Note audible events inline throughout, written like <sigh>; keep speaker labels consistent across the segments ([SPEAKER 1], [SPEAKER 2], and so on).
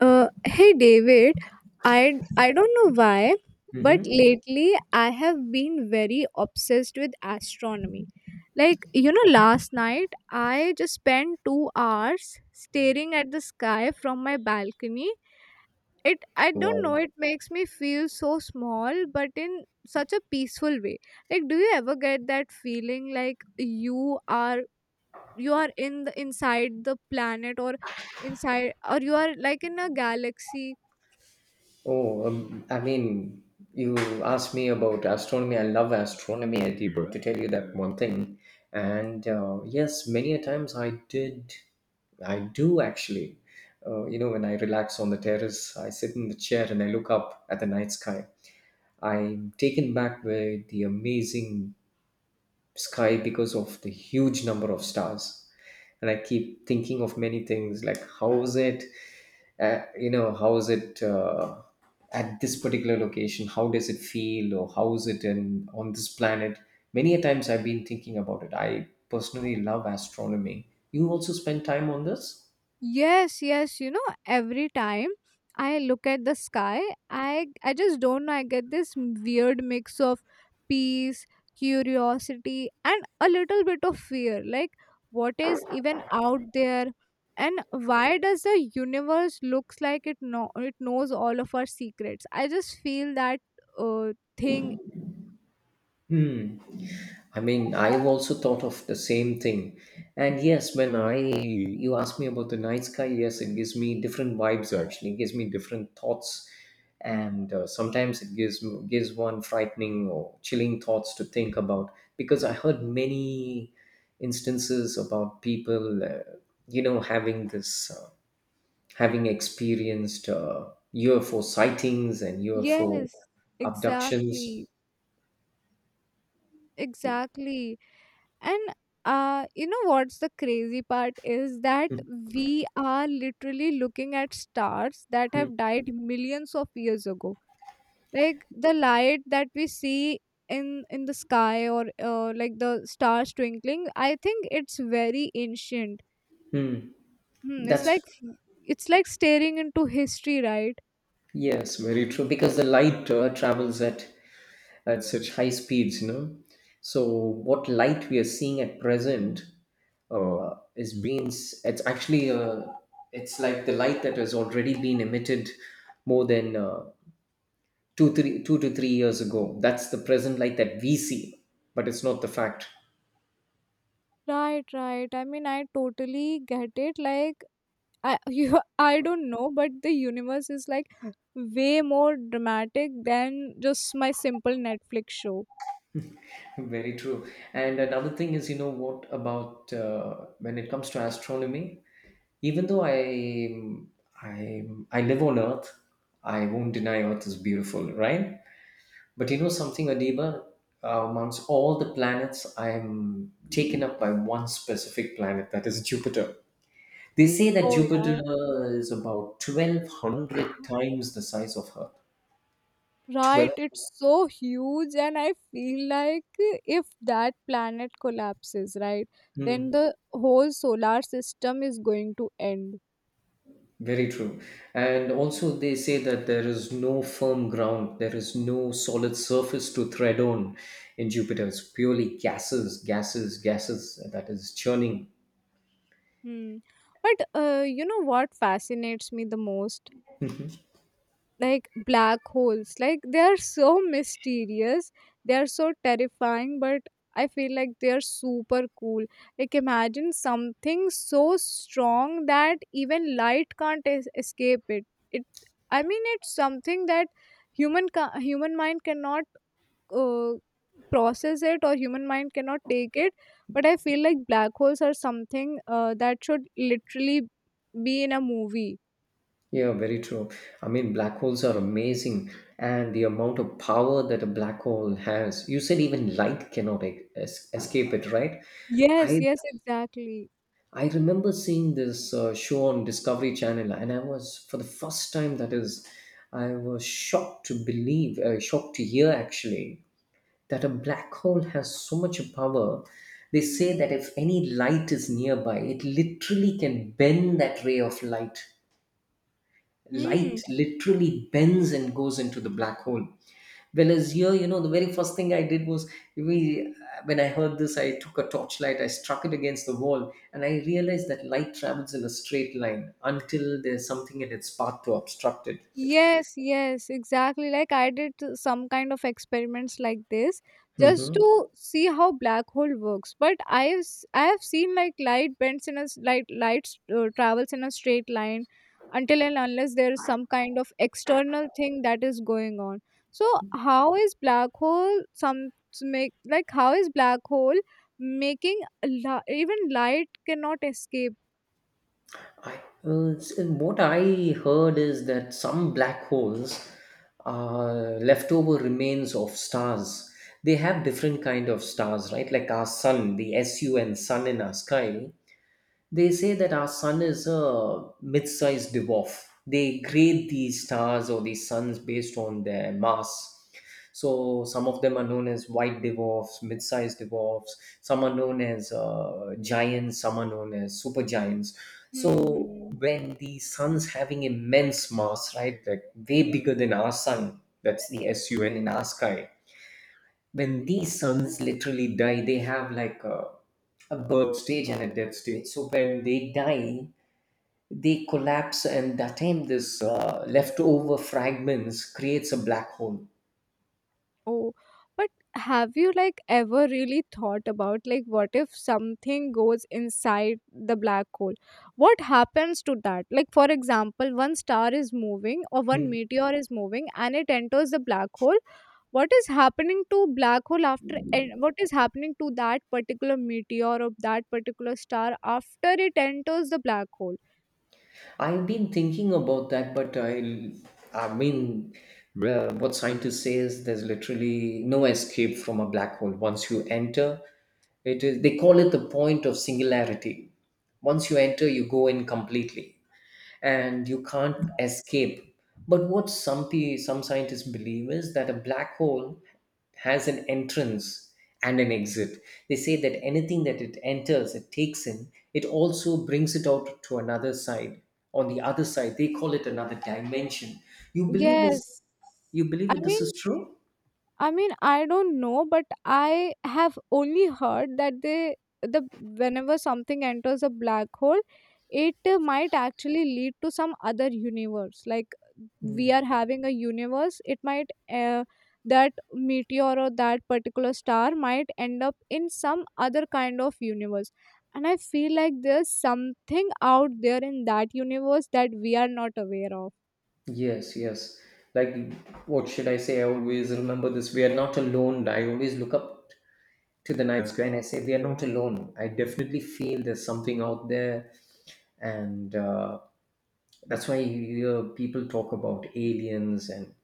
[SPEAKER 1] Hey David, I don't know why, but
[SPEAKER 2] Mm-hmm.
[SPEAKER 1] lately I have been very obsessed with astronomy. Like, you know, last night I just spent 2 hours staring at the sky from my balcony. It I don't know,
[SPEAKER 2] Wow.
[SPEAKER 1] it makes me feel so small, but in such a peaceful way. Like, do you ever get that feeling like you are in the inside the planet or inside or you are like in a galaxy?
[SPEAKER 2] Oh, I mean, you asked me about astronomy. I love astronomy, Adib, to tell you that one thing. And yes, many a times I did, I do actually. You know, when I relax on the terrace, I sit in the chair and I look up at the night sky. I'm taken back by the amazing sky because of the huge number of stars, and I keep thinking of many things like how is it. How is it at this particular location? How does it feel? Or how is it in on this planet? Many a times I've been thinking about it. I personally love astronomy. You also spend time on this?
[SPEAKER 1] Yes, yes. You know, every time I look at the sky, I just don't know. I get this weird mix of peace, curiosity, and a little bit of fear. Like, what is even out there, and why does the universe looks like it know it knows all of our secrets? I just feel that uh, thing.
[SPEAKER 2] hmm I mean, I've also thought of the same thing. And yes, when I you ask me about the night sky, yes, it gives me different vibes. Actually, it gives me different thoughts, and sometimes it gives one frightening or chilling thoughts to think about. Because I heard many instances about people, having having experienced UFO sightings and UFO
[SPEAKER 1] Yes,
[SPEAKER 2] abductions.
[SPEAKER 1] exactly,
[SPEAKER 2] <laughs>
[SPEAKER 1] exactly. And you know what's the crazy part is that we are literally looking at stars that
[SPEAKER 2] Mhm.
[SPEAKER 1] have died millions of years ago. Like the light that we see in the sky or like the stars twinkling, I think it's very ancient. Hmm, it's
[SPEAKER 2] That's
[SPEAKER 1] like it's like staring into history, right?
[SPEAKER 2] Yes, very true. Because the light travels at such high speeds, you know. So what light we are seeing at present is beings. It's actually it's like the light that has already been emitted more than two to three years ago. That's the present light that we see, but it's not the fact.
[SPEAKER 1] Right, right. I mean, I totally get it. Like I <laughs> you I don't know, but the universe is like way more dramatic than just my simple Netflix show.
[SPEAKER 2] <laughs> Very true. And another thing is, you know, what about when it comes to astronomy? Even though I I live on Earth, I won't deny Earth is beautiful, right? But you know something, Adiba, amongst all the planets, I'm taken up by one specific planet, that is Jupiter. They say that
[SPEAKER 1] Oh
[SPEAKER 2] Jupiter
[SPEAKER 1] yeah.
[SPEAKER 2] is about 1200 times the size of
[SPEAKER 1] Right,
[SPEAKER 2] Earth.
[SPEAKER 1] it's so huge and I feel like if that planet collapses, right, then the whole solar system is going to end.
[SPEAKER 2] Very true. And also, they say that there is no firm ground, there is no solid surface to tread on in Jupiter. It's purely gases, gases, gases that is churning.
[SPEAKER 1] Hmm. But you know what fascinates me the most? Like black holes, like they are so mysterious, they are so terrifying, but I feel like they are super cool. Like imagine something so strong that even light can't escape it. It i mean it's something that human mind cannot uh, process it, or human mind cannot take it. But I feel like black holes are something that should literally be in a movie.
[SPEAKER 2] Yeah, very true. I mean, black holes are amazing, and the amount of power that a black hole has. You said even light cannot escape it, right?
[SPEAKER 1] Yes,
[SPEAKER 2] I
[SPEAKER 1] yes, exactly.
[SPEAKER 2] I remember seeing this show on Discovery Channel, and I was, for the first time, that is, I was shocked to believe, shocked to hear actually, that a black hole has so much power. They say that if any light is nearby, it literally can bend that ray of light.
[SPEAKER 1] Hmm.
[SPEAKER 2] Light literally bends and goes into the black hole. Whereas here, you know, the very first thing I did was we, when I heard this, I took a torchlight, I struck it against the wall, and I realized that light travels in a straight line until there's something in its path to obstruct it.
[SPEAKER 1] Yes, yes, exactly. Like I did some kind of experiments like this just
[SPEAKER 2] hmm
[SPEAKER 1] to see how black hole works. But I have seen like light travels in a straight line until and unless there is some kind of external thing that is going on. So how is black hole even light cannot escape?
[SPEAKER 2] I, what I heard is that some black holes are leftover remains of stars. They have different kind of stars, right? Like our sun, the sun in our sky. They say that our sun is a mid sized dwarf. They grade these stars or these suns based on their mass. So some of them are known as white dwarfs, mid-sized dwarfs. Some are known as giants. Some are known as supergiants. So
[SPEAKER 1] Hmm.
[SPEAKER 2] when the sun's having immense mass, right, like way bigger than our sun, that's the SUN in our sky, when these sons literally die, they have like a birth stage and a death stage. So when they die, they collapse, and that time this leftover fragments creates a black hole.
[SPEAKER 1] Oh, but have you like ever really thought about like what if something goes inside the black hole? What happens to that? Like for example, one star is moving or one
[SPEAKER 2] Mm.
[SPEAKER 1] meteor is moving and it enters the black hole. What is happening to black hole after, and what is happening to that particular meteor or that particular star after it enters the black hole?
[SPEAKER 2] I've been thinking about that, but I mean, well, what scientists say is there's literally no escape from a black hole. Once you enter, it is they call it the point of singularity. Once you enter, you go in completely, and you can't escape. But what some scientists believe is that a black hole has an entrance and an exit. They say that anything that it enters, it takes in, it also brings it out to another side. On the other side, they call it another dimension. You believe is
[SPEAKER 1] Yes.
[SPEAKER 2] you believe
[SPEAKER 1] I
[SPEAKER 2] that this
[SPEAKER 1] mean
[SPEAKER 2] is true?
[SPEAKER 1] I mean, I don't know, but I have only heard that they the whenever something enters a black hole, it might actually lead to some other universe. Like
[SPEAKER 2] Mm.
[SPEAKER 1] we are having a universe, it might that meteor or that particular star might end up in some other kind of universe. And I feel like there's something out there in that universe that we are not aware of.
[SPEAKER 2] Yes, yes. Like, what should I say? I always remember this. We are not alone. I always look up to the night sky and I say, we are not alone. I definitely feel there's something out there. And That's why you hear people talk about aliens and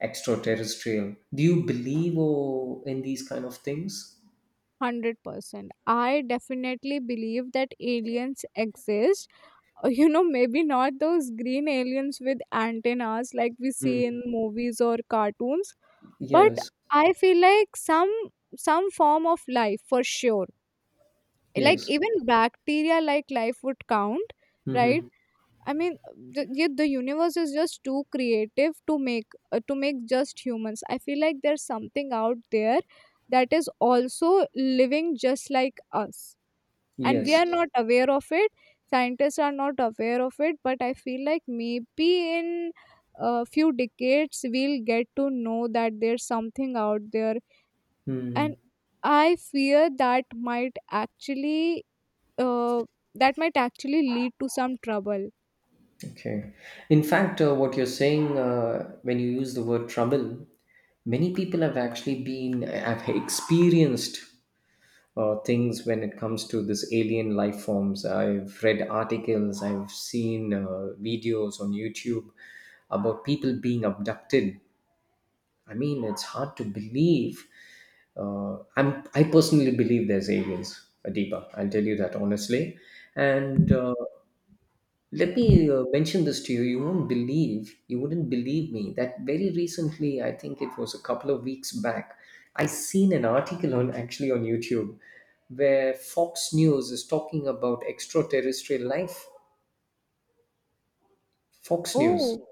[SPEAKER 2] extraterrestrial. Do you believe in these kind of things?
[SPEAKER 1] 100%. I definitely believe that aliens exist. You know, maybe not those green aliens with antennas like we see
[SPEAKER 2] Mm.
[SPEAKER 1] in movies or cartoons, but
[SPEAKER 2] Yes,
[SPEAKER 1] I feel like some form of life for sure. Like
[SPEAKER 2] yes.
[SPEAKER 1] even bacteria like life would count, right?
[SPEAKER 2] hmm
[SPEAKER 1] I mean, yeah, the universe is just too creative to make to make just humans. I feel like there's something out there that is also living just like us, and we
[SPEAKER 2] Yes.
[SPEAKER 1] are not aware of it. Scientists are not aware of it, but I feel like maybe in a few decades we'll get to know that there's something out there,
[SPEAKER 2] Mm.
[SPEAKER 1] and I fear uh, that might actually lead to some trouble.
[SPEAKER 2] Okay. In fact, what you're saying when you use the word trouble, many people have actually been, have experienced things when it comes to this alien life forms. I've read articles, I've seen videos on YouTube about people being abducted. I mean, it's hard to believe. I personally believe there's aliens, Adiba. I'll tell you that honestly, and let me mention this to you. You won't believe, you wouldn't believe me that very recently, I think it was a couple of weeks back, I seen an article on actually on YouTube where Fox News is talking about extraterrestrial life. Fox News.
[SPEAKER 1] Oh,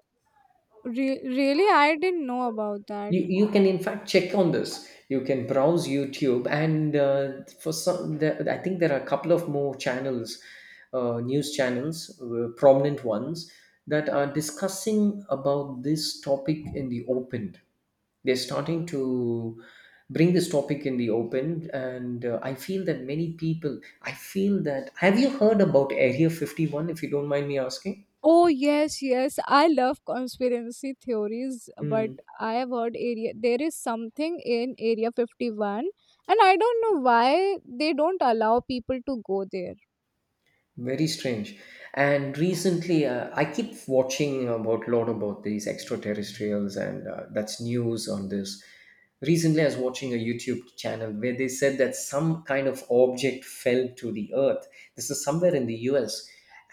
[SPEAKER 1] really, I didn't know about that.
[SPEAKER 2] You can in fact check on this. You can browse YouTube, and for some the, I think there are a couple of more channels, news channels, prominent ones, that are discussing about this topic in the open. They're starting to bring this topic in the open, and I feel that many people, I feel that, have you heard about area 51, if you don't mind me asking?
[SPEAKER 1] Oh yes, yes. I love conspiracy theories, but
[SPEAKER 2] Hmm.
[SPEAKER 1] I have heard area there is something in Area 51, and I don't know why they don't allow people to go there.
[SPEAKER 2] Very strange. And recently, I keep watching about lot about these extraterrestrials, and that's news on this. Recently, I was watching a YouTube channel where they said that some kind of object fell to the Earth. This is somewhere in the US,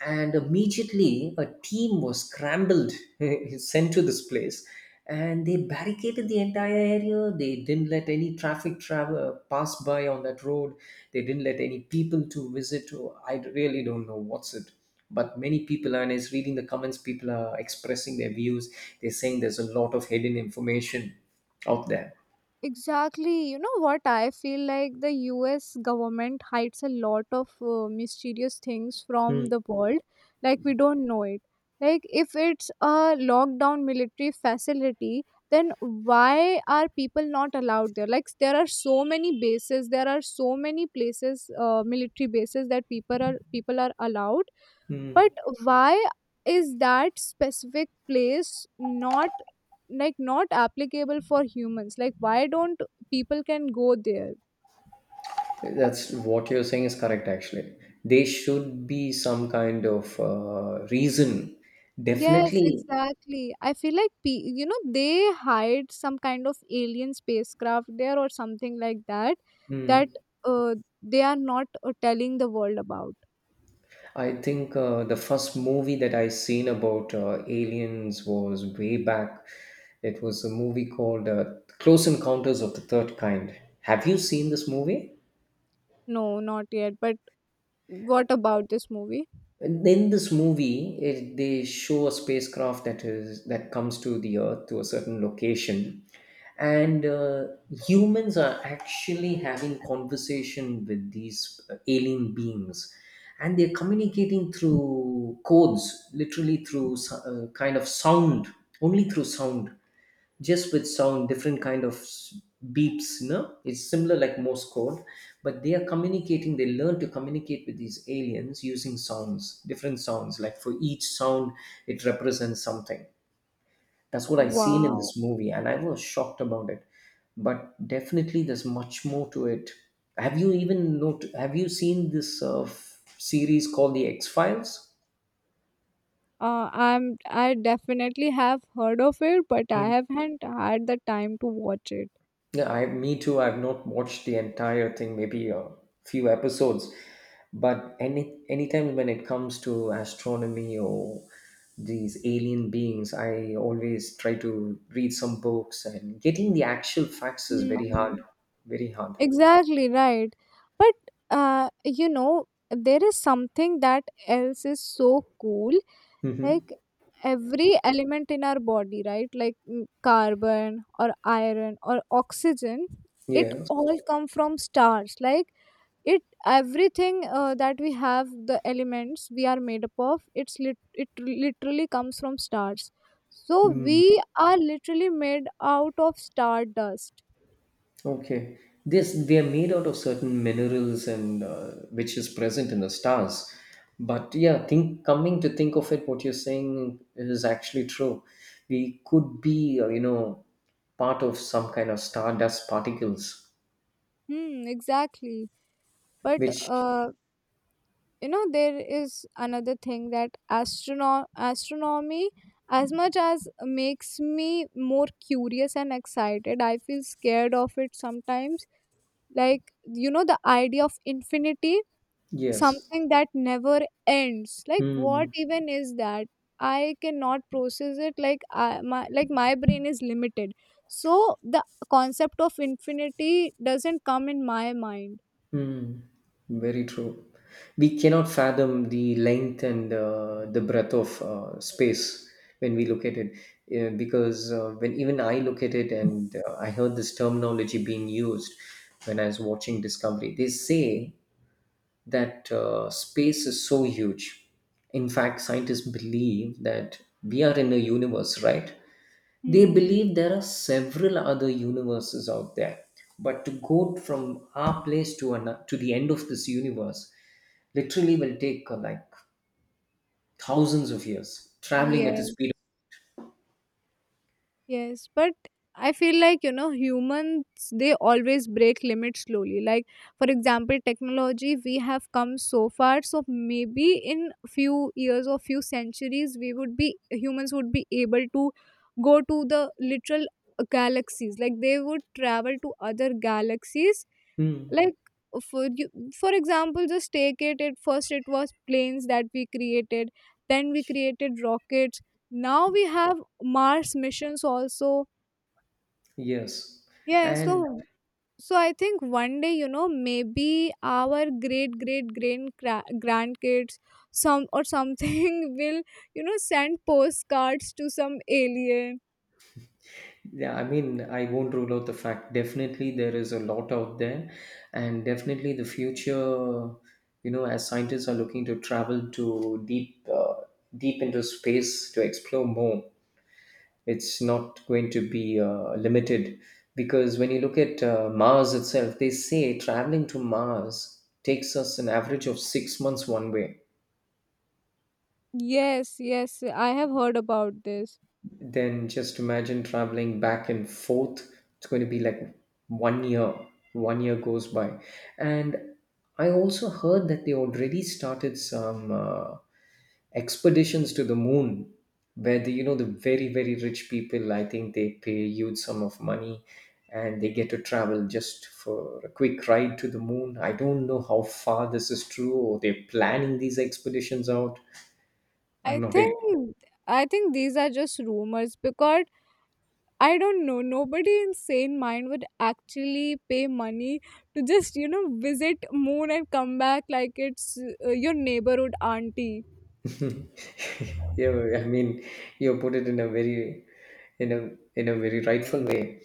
[SPEAKER 2] and immediately a team was scrambled, <laughs> sent to this place, and they barricaded the entire area. They didn't let any traffic travel pass by on that road. They didn't let any people to visit to. I really don't know what's it, but many people are, and is reading the comments, people are expressing their views. They're saying there's a lot of hidden information out there.
[SPEAKER 1] Exactly. You know what? I feel like the US government hides a lot of mysterious things from
[SPEAKER 2] Hmm.
[SPEAKER 1] the world. Like, we don't know it. Like, if it's a lockdown military facility, then why are people not allowed there? Like, there are so many bases, there are so many places, military bases that people are allowed,
[SPEAKER 2] Hmm.
[SPEAKER 1] but why is that specific place not like not applicable for humans? Like why don't people can go there?
[SPEAKER 2] That's what you're saying is correct, actually. There should be some kind of reason.
[SPEAKER 1] Yes,
[SPEAKER 2] Definitely.
[SPEAKER 1] exactly. I feel like you know they hide some kind of alien spacecraft there or something like that, that
[SPEAKER 2] Hmm.
[SPEAKER 1] uh, they are not telling the world about.
[SPEAKER 2] I think the first movie that I seen about aliens was way back. It was a movie called Close Encounters of the Third Kind. Have you seen this movie?
[SPEAKER 1] No, not yet, but what about this movie?
[SPEAKER 2] And in this movie, it, they show a spacecraft that is that comes to the Earth to a certain location, and humans are actually having conversation with these alien beings, and they're communicating through codes, literally through kind of sound, only through sound, just with sound, different kind of beeps, you know, it's similar like morse code. But they are communicating, they learn to communicate with these aliens using sounds, different sounds, like for each sound it represents something. That's what I seen in
[SPEAKER 1] Wow.
[SPEAKER 2] this movie and I was shocked about it. But definitely there's much more to it. Have you even not have you seen this series called the X Files?
[SPEAKER 1] I definitely have heard of it, but I haven't had the time to watch it.
[SPEAKER 2] Yeah, I me too. I've not watched the entire thing, maybe a few episodes. But anytime when it comes to astronomy or these alien beings, I always try to read some books, and getting the actual facts is
[SPEAKER 1] Hmm.
[SPEAKER 2] very hard. Very hard.
[SPEAKER 1] Exactly, right. But you know, there is something that else is so cool.
[SPEAKER 2] hmm
[SPEAKER 1] Like every element in our body, right? Like carbon or iron or oxygen, it
[SPEAKER 2] Yeah.
[SPEAKER 1] all come from stars. Like it everything that we have, the elements we are made up of, it literally comes from stars, so
[SPEAKER 2] Mm.
[SPEAKER 1] we are literally made out of stardust.
[SPEAKER 2] Okay. This they are made out of certain minerals and which is present in the stars. But yeah, think coming to think of it, what you're saying is actually true. We could be, you know, part of some kind of stardust particles,
[SPEAKER 1] Hmm, exactly. But
[SPEAKER 2] which
[SPEAKER 1] uh, you know there is another thing, that astronomy, as much as makes me more curious and excited, I feel scared of it sometimes. Like, you know, the idea of infinity,
[SPEAKER 2] yes.
[SPEAKER 1] something that never ends, like what
[SPEAKER 2] Hmm.
[SPEAKER 1] even is that? I cannot process it. Like my like my brain is limited, so the concept of infinity doesn't come in my mind.
[SPEAKER 2] Hmm. Very true. We cannot fathom the length and the breadth of space when we look at it, because when even I look at it, and I heard this terminology being used when I was watching Discovery. They say that space is so huge. In fact, scientists believe that we are in a universe, right? They
[SPEAKER 1] Hmm.
[SPEAKER 2] believe there are several other universes out there, but to go from our place to an, to the end of this universe literally will take like thousands of years, traveling at the
[SPEAKER 1] Yes.
[SPEAKER 2] speed of
[SPEAKER 1] Yes, but I feel like, you know, humans, they always break limits slowly. Like, for example, technology, we have come so far. So maybe in few years or few centuries, humans would be able to go to the literal galaxies. Like, they would travel to other galaxies.
[SPEAKER 2] Hmm.
[SPEAKER 1] Like for you for example, just take it, at first it was planes that we created, then we created rockets, now we have Mars missions also.
[SPEAKER 2] Yes.
[SPEAKER 1] Yeah, so
[SPEAKER 2] And
[SPEAKER 1] so I think one day, you know, maybe our great great grandkids some or something <laughs> will, you know, send postcards to some alien.
[SPEAKER 2] yeah, I mean, I won't rule out the fact definitely there is a lot out there, and definitely the future, as scientists are looking to travel to deep into space to explore more. It's not going to be limited because when you look at Mars itself, they say traveling to Mars takes us an average of 6 months one way.
[SPEAKER 1] Yes, yes, I have heard about this.
[SPEAKER 2] Then just imagine traveling back and forth. It's going to be like 1 year. 1 year goes by, and I also heard that they already started some expeditions to the moon, where the you know the very very rich people. I think they pay a huge sum of money, and they get to travel just for a quick ride to the moon. I don't know how far this is true, or they're planning these expeditions out. I'm
[SPEAKER 1] i
[SPEAKER 2] not able.
[SPEAKER 1] think i think these are just rumors because I don't know. Nobody in sane mind would actually pay money to just, you know, visit moon and come back. Like it's your neighborhood auntie.
[SPEAKER 2] <laughs> Yeah, I mean, you put it in a in a very rightful way.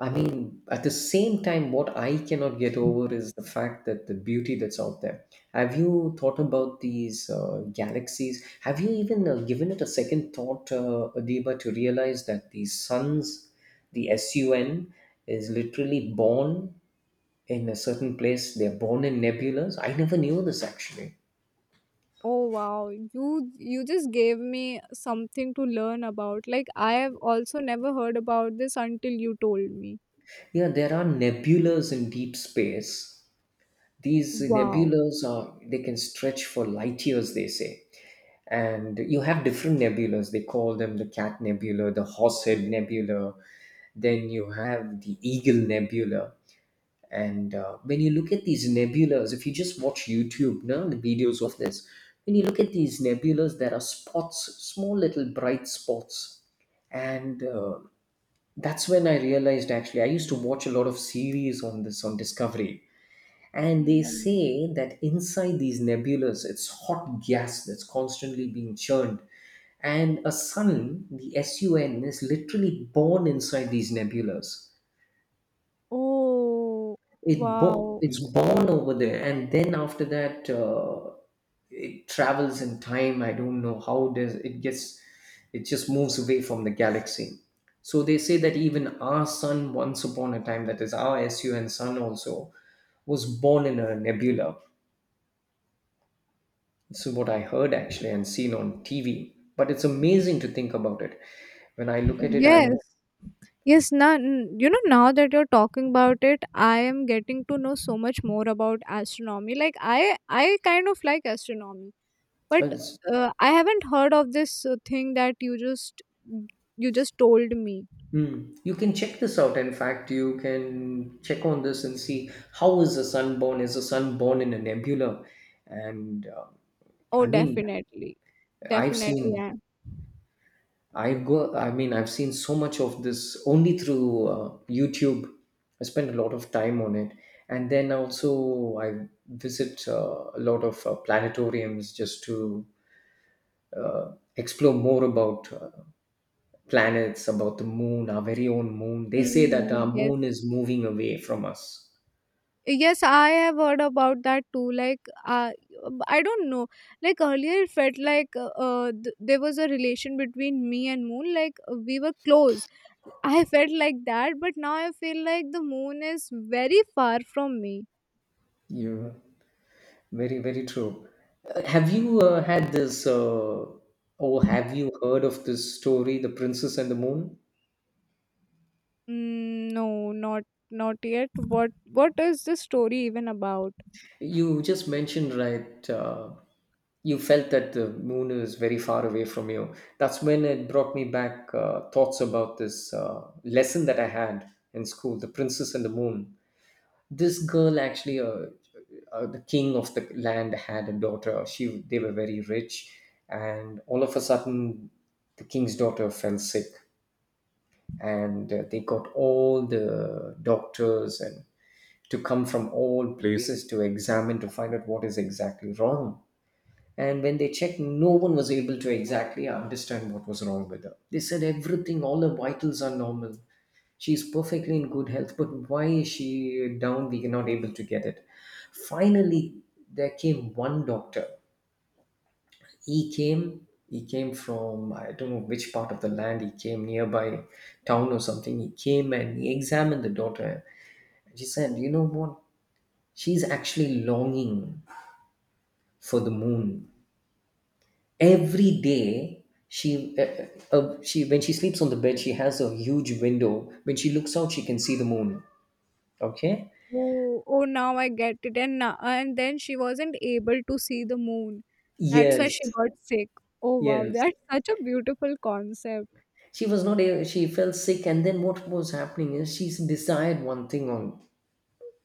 [SPEAKER 2] I mean, at the same time, what I cannot get over is the fact that the beauty that's out there. Have you thought about these galaxies? Have you even given it a second thought, Adiba, to realize that the sun is literally born in a certain place. They're born in nebulas. I never knew this actually.
[SPEAKER 1] Oh wow, you just gave me something to learn about. Like I have also never heard about this until you told me.
[SPEAKER 2] Yeah, there are nebulas in deep space. These
[SPEAKER 1] Wow.
[SPEAKER 2] nebulas are they can stretch for light years, they say. And you have different nebulas. They call them the Cat Nebula, the Horsehead Nebula. Then you have the Eagle Nebula. And when you look at these nebulas, if you just watch YouTube, now the videos of this, when you look at these nebulas, there are spots, small little bright spots and that's when I realized. Actually, I used to watch a lot of series on this on Discovery, and they
[SPEAKER 1] Mm.
[SPEAKER 2] say that inside these nebulas it's hot gas that's constantly being churned, and a sun the sun is literally born inside these nebulas.
[SPEAKER 1] Oh wow.
[SPEAKER 2] It's born over there, and then after that, it travels in time. I don't know how does it gets, it just moves away from the galaxy. So they say that even our sun once upon a time, that is our sun also, was born in a nebula. This is what I heard actually and seen on TV, but it's amazing to think about it. When I look at it,
[SPEAKER 1] Yes.
[SPEAKER 2] I'm
[SPEAKER 1] Yes, now you know, now that you're talking about it, I am getting to know so much more about astronomy. Like I kind of like astronomy, but
[SPEAKER 2] it's
[SPEAKER 1] I haven't heard of this thing that you just told me.
[SPEAKER 2] Hmm. You can check this out. In fact, you can check on this and see how is the sun born? Is the sun born in a nebula? And
[SPEAKER 1] Oh,
[SPEAKER 2] I mean,
[SPEAKER 1] definitely,
[SPEAKER 2] I've
[SPEAKER 1] definitely,
[SPEAKER 2] seen,
[SPEAKER 1] yeah.
[SPEAKER 2] I go, I mean, I've seen so much of this only through YouTube. I spend a lot of time on it, and then also I visit a lot of planetariums just to explore more about planets, about the moon, our very own moon. They say that our
[SPEAKER 1] Hmm. Yes,
[SPEAKER 2] moon is moving away from us.
[SPEAKER 1] yes, I have heard about that too. Like, uh, I don't know. Like earlier, it felt like there was a relation between me and moon. Like we were close. I felt like that, but now I feel like the moon is very far from me.
[SPEAKER 2] You're very, very true. Have you had this, or have you heard of this story, The Princess and the Moon?
[SPEAKER 1] Mm, no, not yet. What is the story even about?
[SPEAKER 2] You just mentioned, right, you felt that the moon is very far away from you. That's when it brought me back thoughts about this lesson that I had in school, The Princess and the Moon. This girl actually, the king of the land had a daughter, she they were very rich, and all of a sudden the king's daughter fell sick, and they got all the doctors and to come from all places to examine to find out what is exactly wrong. And when they checked, no one was able to exactly understand what was wrong with her. They said everything, all her vitals are normal. She's perfectly in good health, but why is she down? We are not able to get it. Finally, there came one doctor. He came from I don't know which part of the land. He came nearby town or something. He came and he examined the daughter. She said, "You know what? She's actually longing for the moon." Every day she when she sleeps on the bed she has a huge window, when she looks out she can see the moon. Okay.
[SPEAKER 1] Oh, oh, now I get it. And now, and then she wasn't able to see the moon. That's why
[SPEAKER 2] Yes,
[SPEAKER 1] she got sick. Oh wow,
[SPEAKER 2] yes,
[SPEAKER 1] that's such a beautiful concept.
[SPEAKER 2] she was not a- she felt sick, and then what was happening is she desired one thing on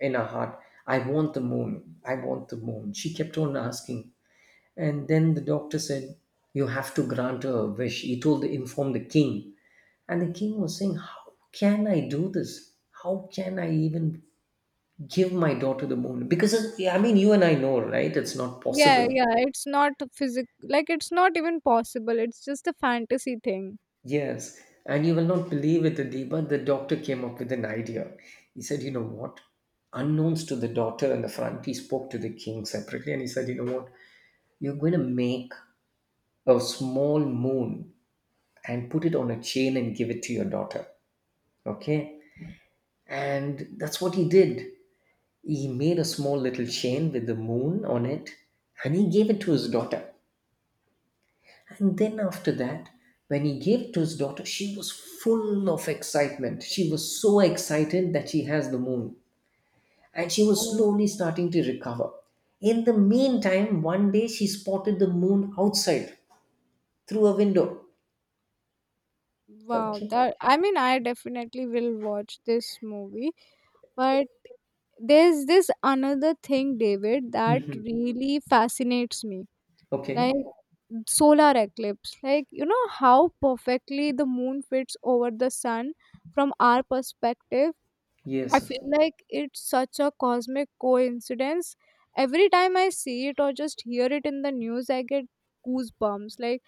[SPEAKER 2] in her heart. I want the moon, I want the moon, she kept on asking. And then the doctor said, you have to grant her a wish, he told, inform the king. And the king was saying, how can I do this? How can I even give my daughter the moon, because yeah, I mean you and I know, right, it's not
[SPEAKER 1] Yeah,
[SPEAKER 2] possible.
[SPEAKER 1] yeah, it's not even possible. It's just a fantasy thing.
[SPEAKER 2] Yes, and you will not believe it, Adiba, the doctor came up with an idea. He said, you know what, unknowns to the daughter in the front, he spoke to the king separately and he said, you know what, you're going to make a small moon and put it on a chain and give it to your daughter. Okay, and that's what he did. He made a small little chain with the moon on it and he gave it to his daughter. And then after that, when he gave to his daughter, she was full of excitement. She was so excited that she has the moon. And she was
[SPEAKER 1] Oh,
[SPEAKER 2] slowly starting to recover. In the meantime, one day she spotted the moon outside through a window.
[SPEAKER 1] wow,
[SPEAKER 2] Okay.
[SPEAKER 1] that, I mean, I definitely will watch this movie. But there's this another thing, David, that really fascinates me. Like
[SPEAKER 2] Okay.
[SPEAKER 1] solar eclipse. Like, you know how perfectly the moon fits over the sun from our perspective? I
[SPEAKER 2] Yes.
[SPEAKER 1] feel like it's such a cosmic coincidence. Every time I see it or just hear it in the news, I get goosebumps. Like,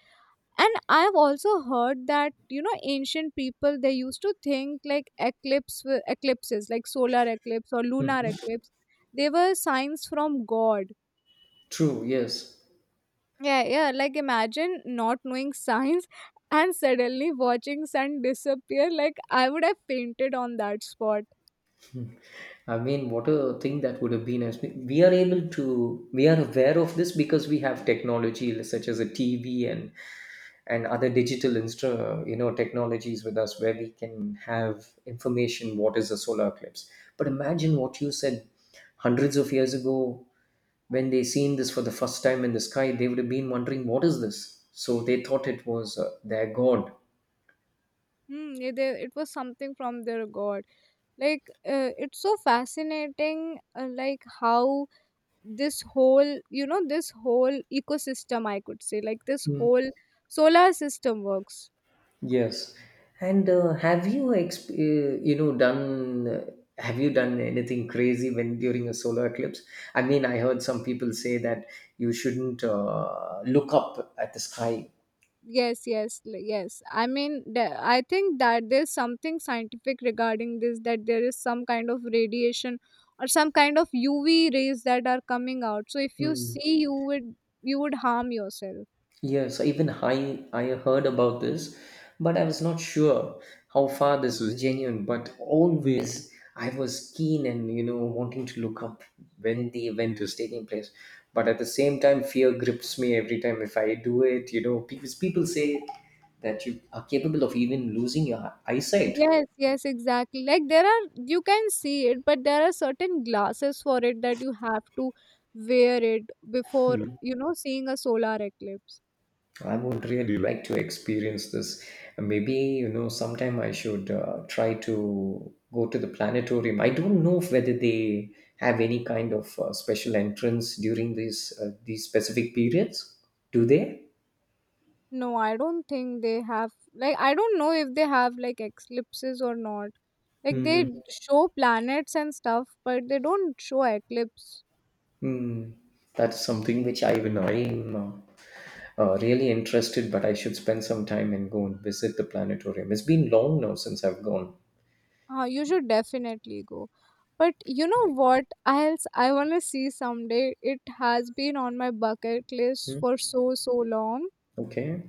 [SPEAKER 1] and I've also heard that, you know, ancient people, they used to think like eclipses like solar eclipse or lunar
[SPEAKER 2] Mhm.
[SPEAKER 1] eclipse, they were signs from god.
[SPEAKER 2] True. Yes.
[SPEAKER 1] Yeah, yeah, like imagine not knowing <laughs> signs, and suddenly watching sun disappear, like I would have fainted on that spot.
[SPEAKER 2] I mean, what a thing that would have been, as we are able to, we are aware of this because we have technology such as a TV and other digital technologies with us where we can have information what is a solar eclipse. But imagine what you said, hundreds of years ago, when they seen this for the first time in the sky, they would have been wondering what is this, so they thought it was their god.
[SPEAKER 1] Hmm, yeah, it was something from their god. Like it's so fascinating, like how this whole, you know, this whole ecosystem, I could say, like this
[SPEAKER 2] Mm,
[SPEAKER 1] whole solar system works.
[SPEAKER 2] yes. And have you exp- you know done have you done anything crazy when during a solar eclipse? I mean, I heard some people say that you shouldn't look up at the sky.
[SPEAKER 1] Yes, yes, yes, I mean I think that there's something scientific regarding this, that there is some kind of radiation or some kind of UV rays that are coming out, so if you
[SPEAKER 2] Mm,
[SPEAKER 1] see, you would harm yourself.
[SPEAKER 2] yes, even I heard about this, but I was not sure how far this was genuine. But always I was keen and you know wanting to look up when the event was taking place. But at the same time, fear grips me every time if I do it. You know, because people say that you are capable of even losing your eyesight.
[SPEAKER 1] Yes, yes, exactly. Like there are, you can see it, but there are certain glasses for it that you have to wear it before, you know, seeing a solar eclipse.
[SPEAKER 2] I would really like to experience this. Maybe, you know, sometime I should try to go to the planetarium. I don't know whether they have any kind of special entrance during these specific periods. Do they?
[SPEAKER 1] No, I don't think they have, like, I don't know if they have like eclipses or not. Like they
[SPEAKER 2] Hmm.
[SPEAKER 1] show planets and stuff, but they don't show eclipse.
[SPEAKER 2] Mm. That's something which I am really interested, but I should spend some time and go and visit the planetarium. It's been long now since I've gone.
[SPEAKER 1] You should definitely go. But you know what else I want to see someday? It has been on my bucket list
[SPEAKER 2] Hmm.
[SPEAKER 1] for so, so long.
[SPEAKER 2] Okay.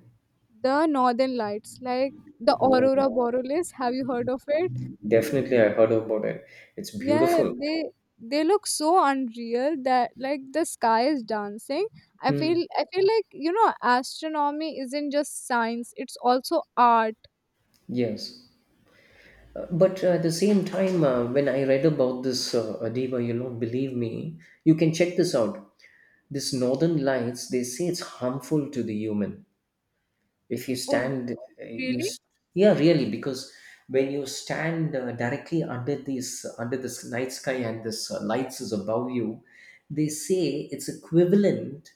[SPEAKER 1] The northern lights, like the
[SPEAKER 2] Oh,
[SPEAKER 1] aurora borealis, have you heard of it?
[SPEAKER 2] definitely, I heard about it. It's
[SPEAKER 1] Yeah,
[SPEAKER 2] beautiful.
[SPEAKER 1] they look so unreal that like the sky is dancing. I feel
[SPEAKER 2] Hmm.
[SPEAKER 1] I feel like, you know, astronomy isn't just science, it's also art.
[SPEAKER 2] Yes. But at the same time, when I read about this Adiba, you don't believe me. You can check this out. This northern lights, they say it's harmful to the human. If you
[SPEAKER 1] Oh,
[SPEAKER 2] stand you
[SPEAKER 1] really?
[SPEAKER 2] s- Yeah, really, because when you stand directly under these under this night sky and this lights is above you, they say it's equivalent,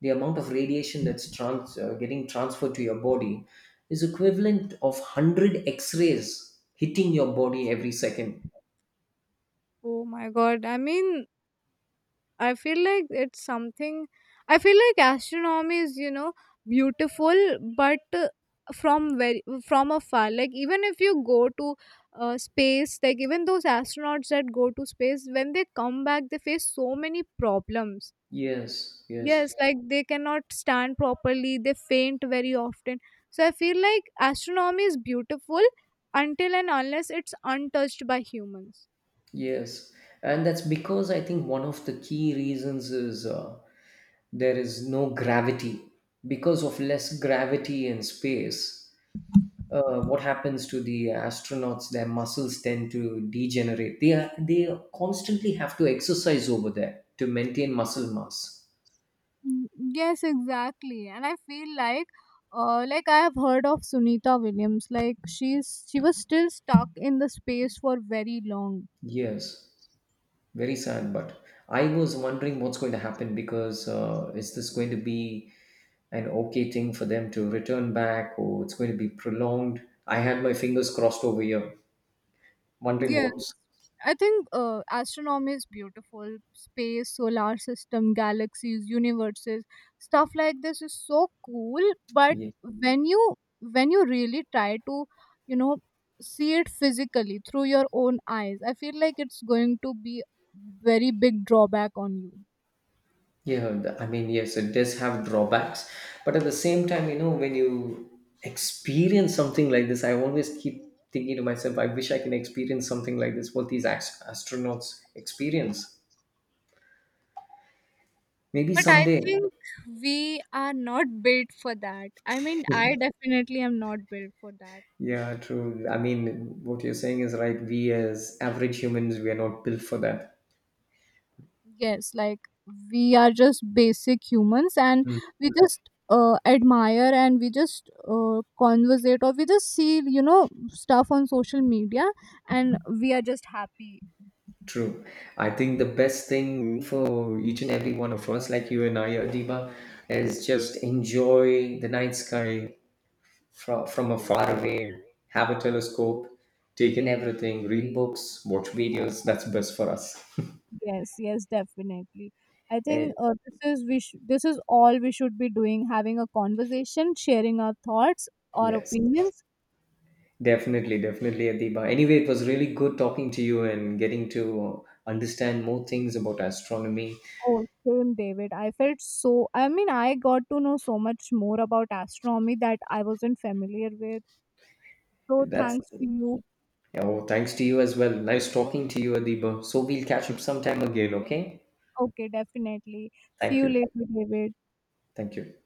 [SPEAKER 2] the amount of radiation that's getting transferred to your body is equivalent of 100 x-rays hitting your body every second.
[SPEAKER 1] Oh my god. I mean, I feel like it's something. I feel like astronomy is, you know, beautiful, but from very from afar. Like even if you go to space, like even those astronauts that go to space, when they come back, they face so many problems.
[SPEAKER 2] Yes, yes,
[SPEAKER 1] Yes, like they cannot stand properly. They faint very often. So I feel like astronomy is beautiful until and unless it's untouched by humans.
[SPEAKER 2] yes. And that's because I think one of the key reasons is there is no gravity, because of less gravity in space, what happens to the astronauts, their muscles tend to degenerate. They constantly have to exercise over there to maintain muscle mass.
[SPEAKER 1] Mm, yes, exactly, and I feel like I have heard of Sunita Williams, like she was still stuck in the space for very long.
[SPEAKER 2] Yes, very sad, but I was wondering what's going to happen, because is this going to be an okay thing for them to return back, or it's going to be prolonged. I had my fingers crossed over here, wondering
[SPEAKER 1] Yes,
[SPEAKER 2] what's
[SPEAKER 1] I think astronomy is beautiful, space, solar system, galaxies, universes, stuff like this is so cool. But
[SPEAKER 2] yeah.
[SPEAKER 1] when you when you really try to, you know, see it physically through your own eyes, I feel like it's going to be very big drawback on you.
[SPEAKER 2] I mean, yes, it does have drawbacks, but at the same time, you know, when you experience something like this, I always keep thinking to myself, I wish I can experience something like this, what these astronauts experience. Maybe
[SPEAKER 1] But I
[SPEAKER 2] someday.
[SPEAKER 1] think we are not built for that. I mean, I definitely am not built for that.
[SPEAKER 2] Yeah, true. I mean, what you're saying is right. We as average humans, we are not built for that.
[SPEAKER 1] Yes, like we are just basic humans, and
[SPEAKER 2] Mm,
[SPEAKER 1] we just admire and we just conversate, or we just see, you know, stuff on social media, and we are just happy.
[SPEAKER 2] true. I think the best thing for each and every one of us, like you and I, Adiba, is just enjoy the night sky, from a far away, have a telescope, take in everything, read books, watch videos. That's best for us. <laughs>
[SPEAKER 1] Yes, yes, definitely. I think this is all we should be doing, having a conversation, sharing our thoughts or
[SPEAKER 2] Yes,
[SPEAKER 1] opinions.
[SPEAKER 2] definitely, definitely, Adiba. Anyway, it was really good talking to you and getting to understand more things about astronomy.
[SPEAKER 1] Oh, same, David. I felt so. I mean, I got to know so much more about astronomy that I wasn't familiar with. So,
[SPEAKER 2] That's
[SPEAKER 1] thanks to you.
[SPEAKER 2] oh, thanks to you as well. Nice talking to you, Adiba. So we'll catch up sometime again, okay?
[SPEAKER 1] Okay, definitely. See
[SPEAKER 2] Thank
[SPEAKER 1] you
[SPEAKER 2] you.
[SPEAKER 1] later, David.
[SPEAKER 2] Thank you.